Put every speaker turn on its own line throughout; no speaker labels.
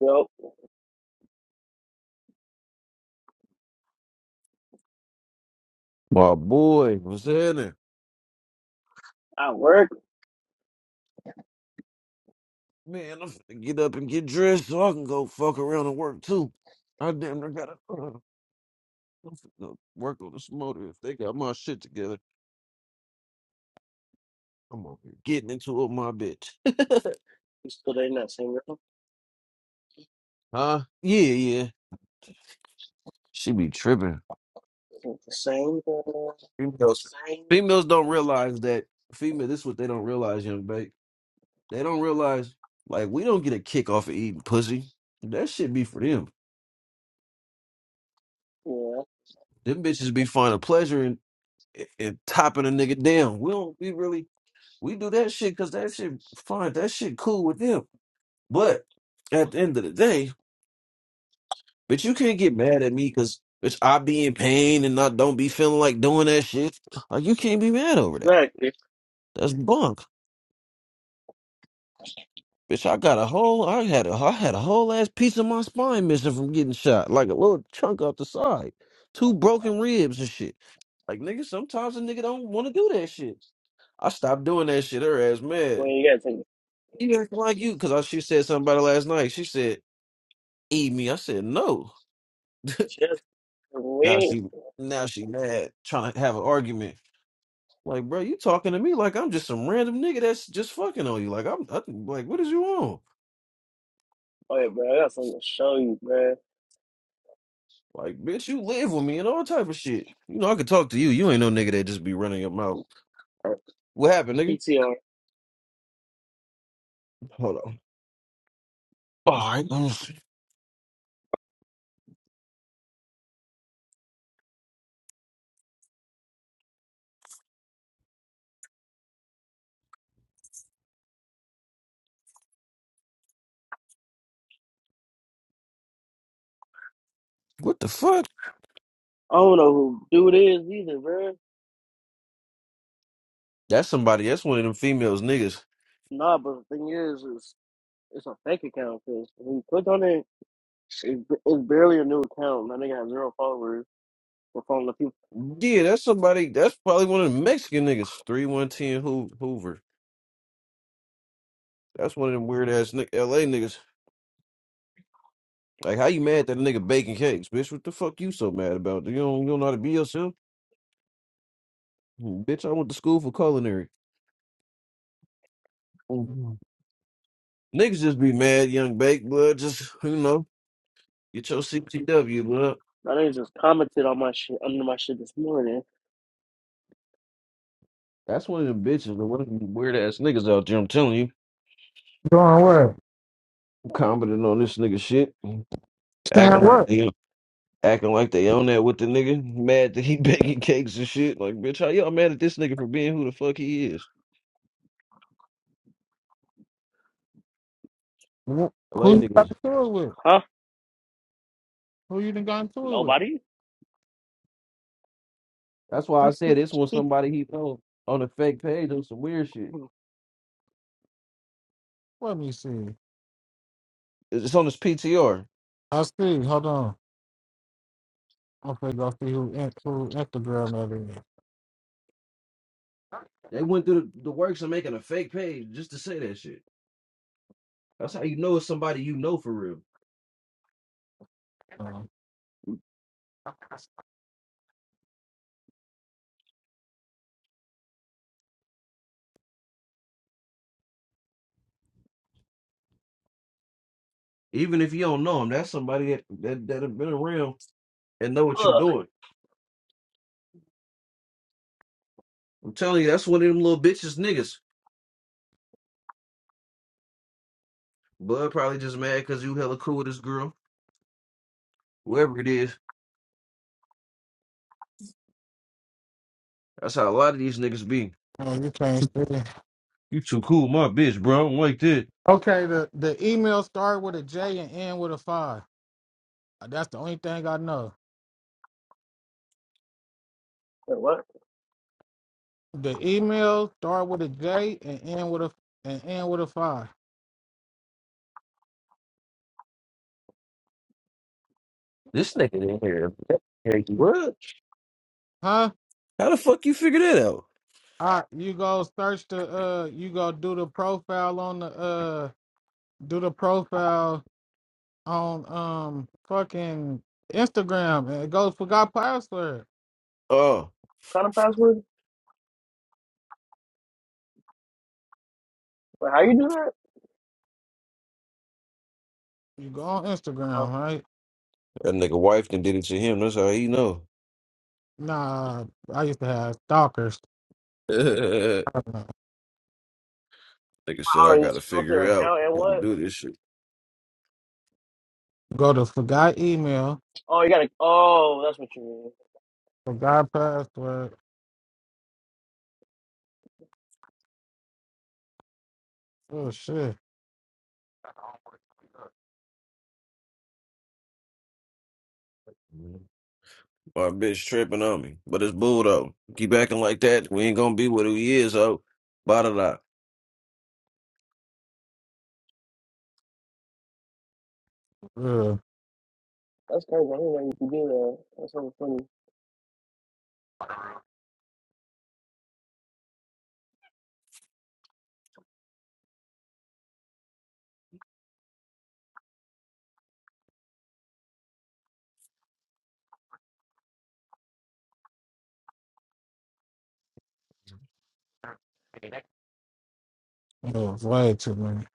Well,
My boy, what's happening?
I work,
Man, I'm finna get up and get dressed so I can go fuck around and work too. I damn near gotta uh, I'm finna work on this motor if they got my shit together. I'm over here getting into it, my bitch.
still ain't that same girl.
Huh? Yeah, yeah. She be tripping.
It's The same girl,
Females,
same.
females don't realize that. Female, this is what they don't realize, young babe. They don't realize like we don't get a kick off of eating pussy. That shit be for them.
Yeah,
Them bitches be finding pleasure in in in topping a nigga down. We don't. We really We do that shit because that shit fine. That shit cool with them. But at the end of the day, bitch, you can't get mad at me because bitch, I be in pain and I don't be feeling like doing that shit. Like you can't be mad over that.
exactly.
That's bunk. Bitch, I got a whole I had a I had a whole ass piece of my spine missing from getting shot. Like a little chunk off the side. Two broken ribs and shit. Like nigga, sometimes a nigga don't want to do that shit. I stopped doing that shit. Her ass
When
mad.
you gotta take it.
You acting like you, cause I, she said something about it last night. She said eat me. I said no.
She has
Now
we.
she now she mad trying to have an argument. Like, bro, you talking to me like I'm just some random nigga that's just fucking on you. Like I'm I, like, what is you on?
Oh yeah, bro. I got something to show you, bro.
Like, bitch, you live with me and all type of shit. You know, I could talk to you. You ain't no nigga that just be running your mouth.
Or
What happened, nigga?
PTR.
Hold on. All right. let What the fuck?
I don't know who dude is either, bro.
That's somebody. That's one of them females niggas.
Nah, but the thing is, it's it's a fake account because when you click on it, it, it's barely a new account. That nigga has zero followers. We're following the people.
Yeah, that's somebody. That's probably one of them Mexican niggas. Three one ten Hoover. That's one of them weird ass L A niggas. Like, how you mad that a nigga baking cakes, bitch? What the fuck you so mad about? You don't, you don't know how to be yourself? Mm, Bitch, I went to school for culinary. Mhm. Niggas just be mad, young bake, blood. Just, you know, get your CTW, blood.
That nigga just commented on my shit under my shit this morning.
That's one of them bitches, The one of them weird ass niggas out there, I'm telling you.
Doing what?
Commenting on this nigga shit. Acting
Saying
like
what?
they acting like they own that with the nigga. Mad that he baking cakes and shit. Like, bitch, how y'all mad at this nigga for being who the fuck he is?
Wh-
LA
Who you
niggas.
got into it with?
Huh?
Who you done got into it with?
Nobody.
That's why I said this one. somebody he know on a fake page on some weird shit.
Let me see.
It's on his PTR.
I see. Hold on. Okay, go see who in- who Instagram that is.
They went through the, the works of making a fake page just to say that shit. That's how you know it's somebody you know for real.
Um,
Even if you don't know him, that's somebody that that, that have been around and know what you're
Ugh.
doing. I'm telling you, that's one of them little bitches niggas. Bud probably just mad because you hella cool with this girl, whoever it is. That's how a lot of these niggas be.
oh, you can't see.
You too cool, my bitch, bro. I don't like that.
Okay, the the email start with a J and end with a five. Uh, That's the only thing I know.
Wait, what
The email start with a J and end with a and end with a five.
This nigga in here, Hey, what?
Huh?
How the fuck you figure that out?
All right, you go search the uh, you go do the profile on the uh, do the profile on um fucking Instagram and it goes forgot password.
Oh,
kind of password? Wait, how you do that?
You go on
Uh,
Instagram, right?
that nigga wife done did it to him. That's how he know.
Nah, I used to have stalkers.
Nigga said
I
I
already
gotta
go to
figure
their
it out.
account and
Gotta
what?
do this shit.
Go to forgot email,
Oh, you gotta. Oh, that's what you mean.
forgot password. Oh shit,
My bitch tripping on me. But it's bull though. Keep acting like that. We ain't gonna be what he is, oh. Bada da.
yeah,
That's crazy. I didn't know you could do that. That's so funny.
it was way too many.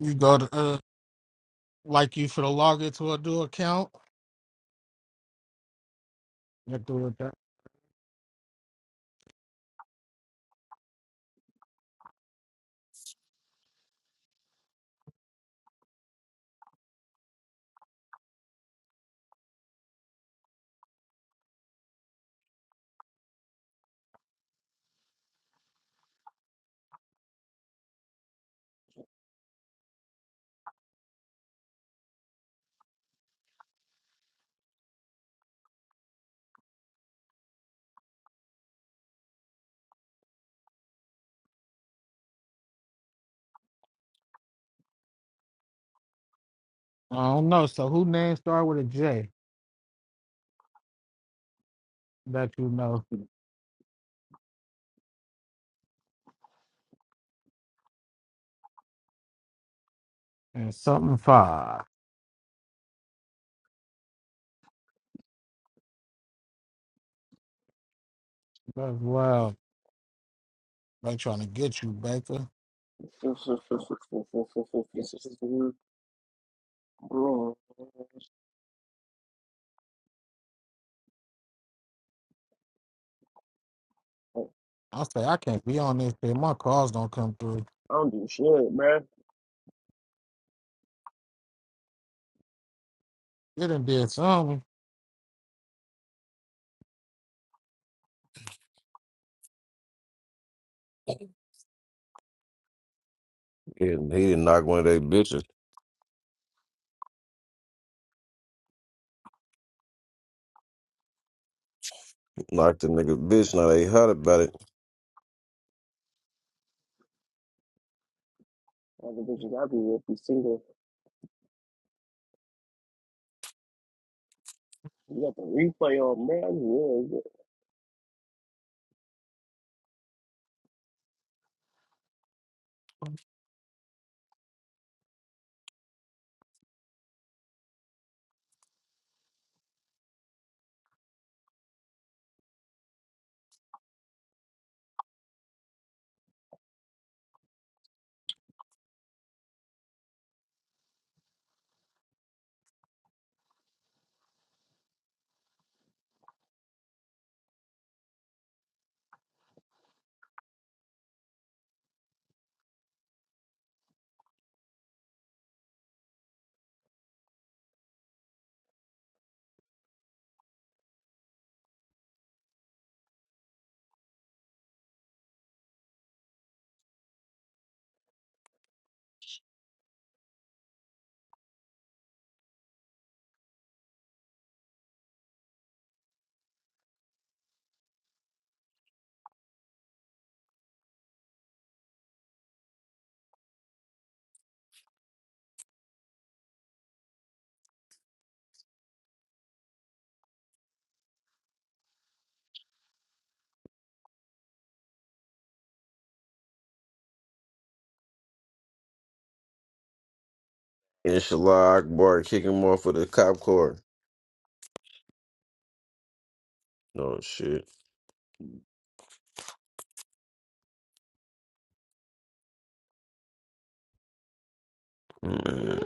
You go to uh, like you for the log into a new account. You do it that. I don't know. So who name start with a J that you know and something five? That's wild. They trying to get you, Baker.
Bro,
I say I can't be on this shit. My calls don't come through.
I don't do shit, man.
It done did something.
Yeah, he didn't knock one of they bitches. Knocked the nigga bitch. Now they hot about it.
All the bitches I be with be single. You got the replay on, man.
Inshallah Akbar kicking him off with a cop car. Oh shit. Man.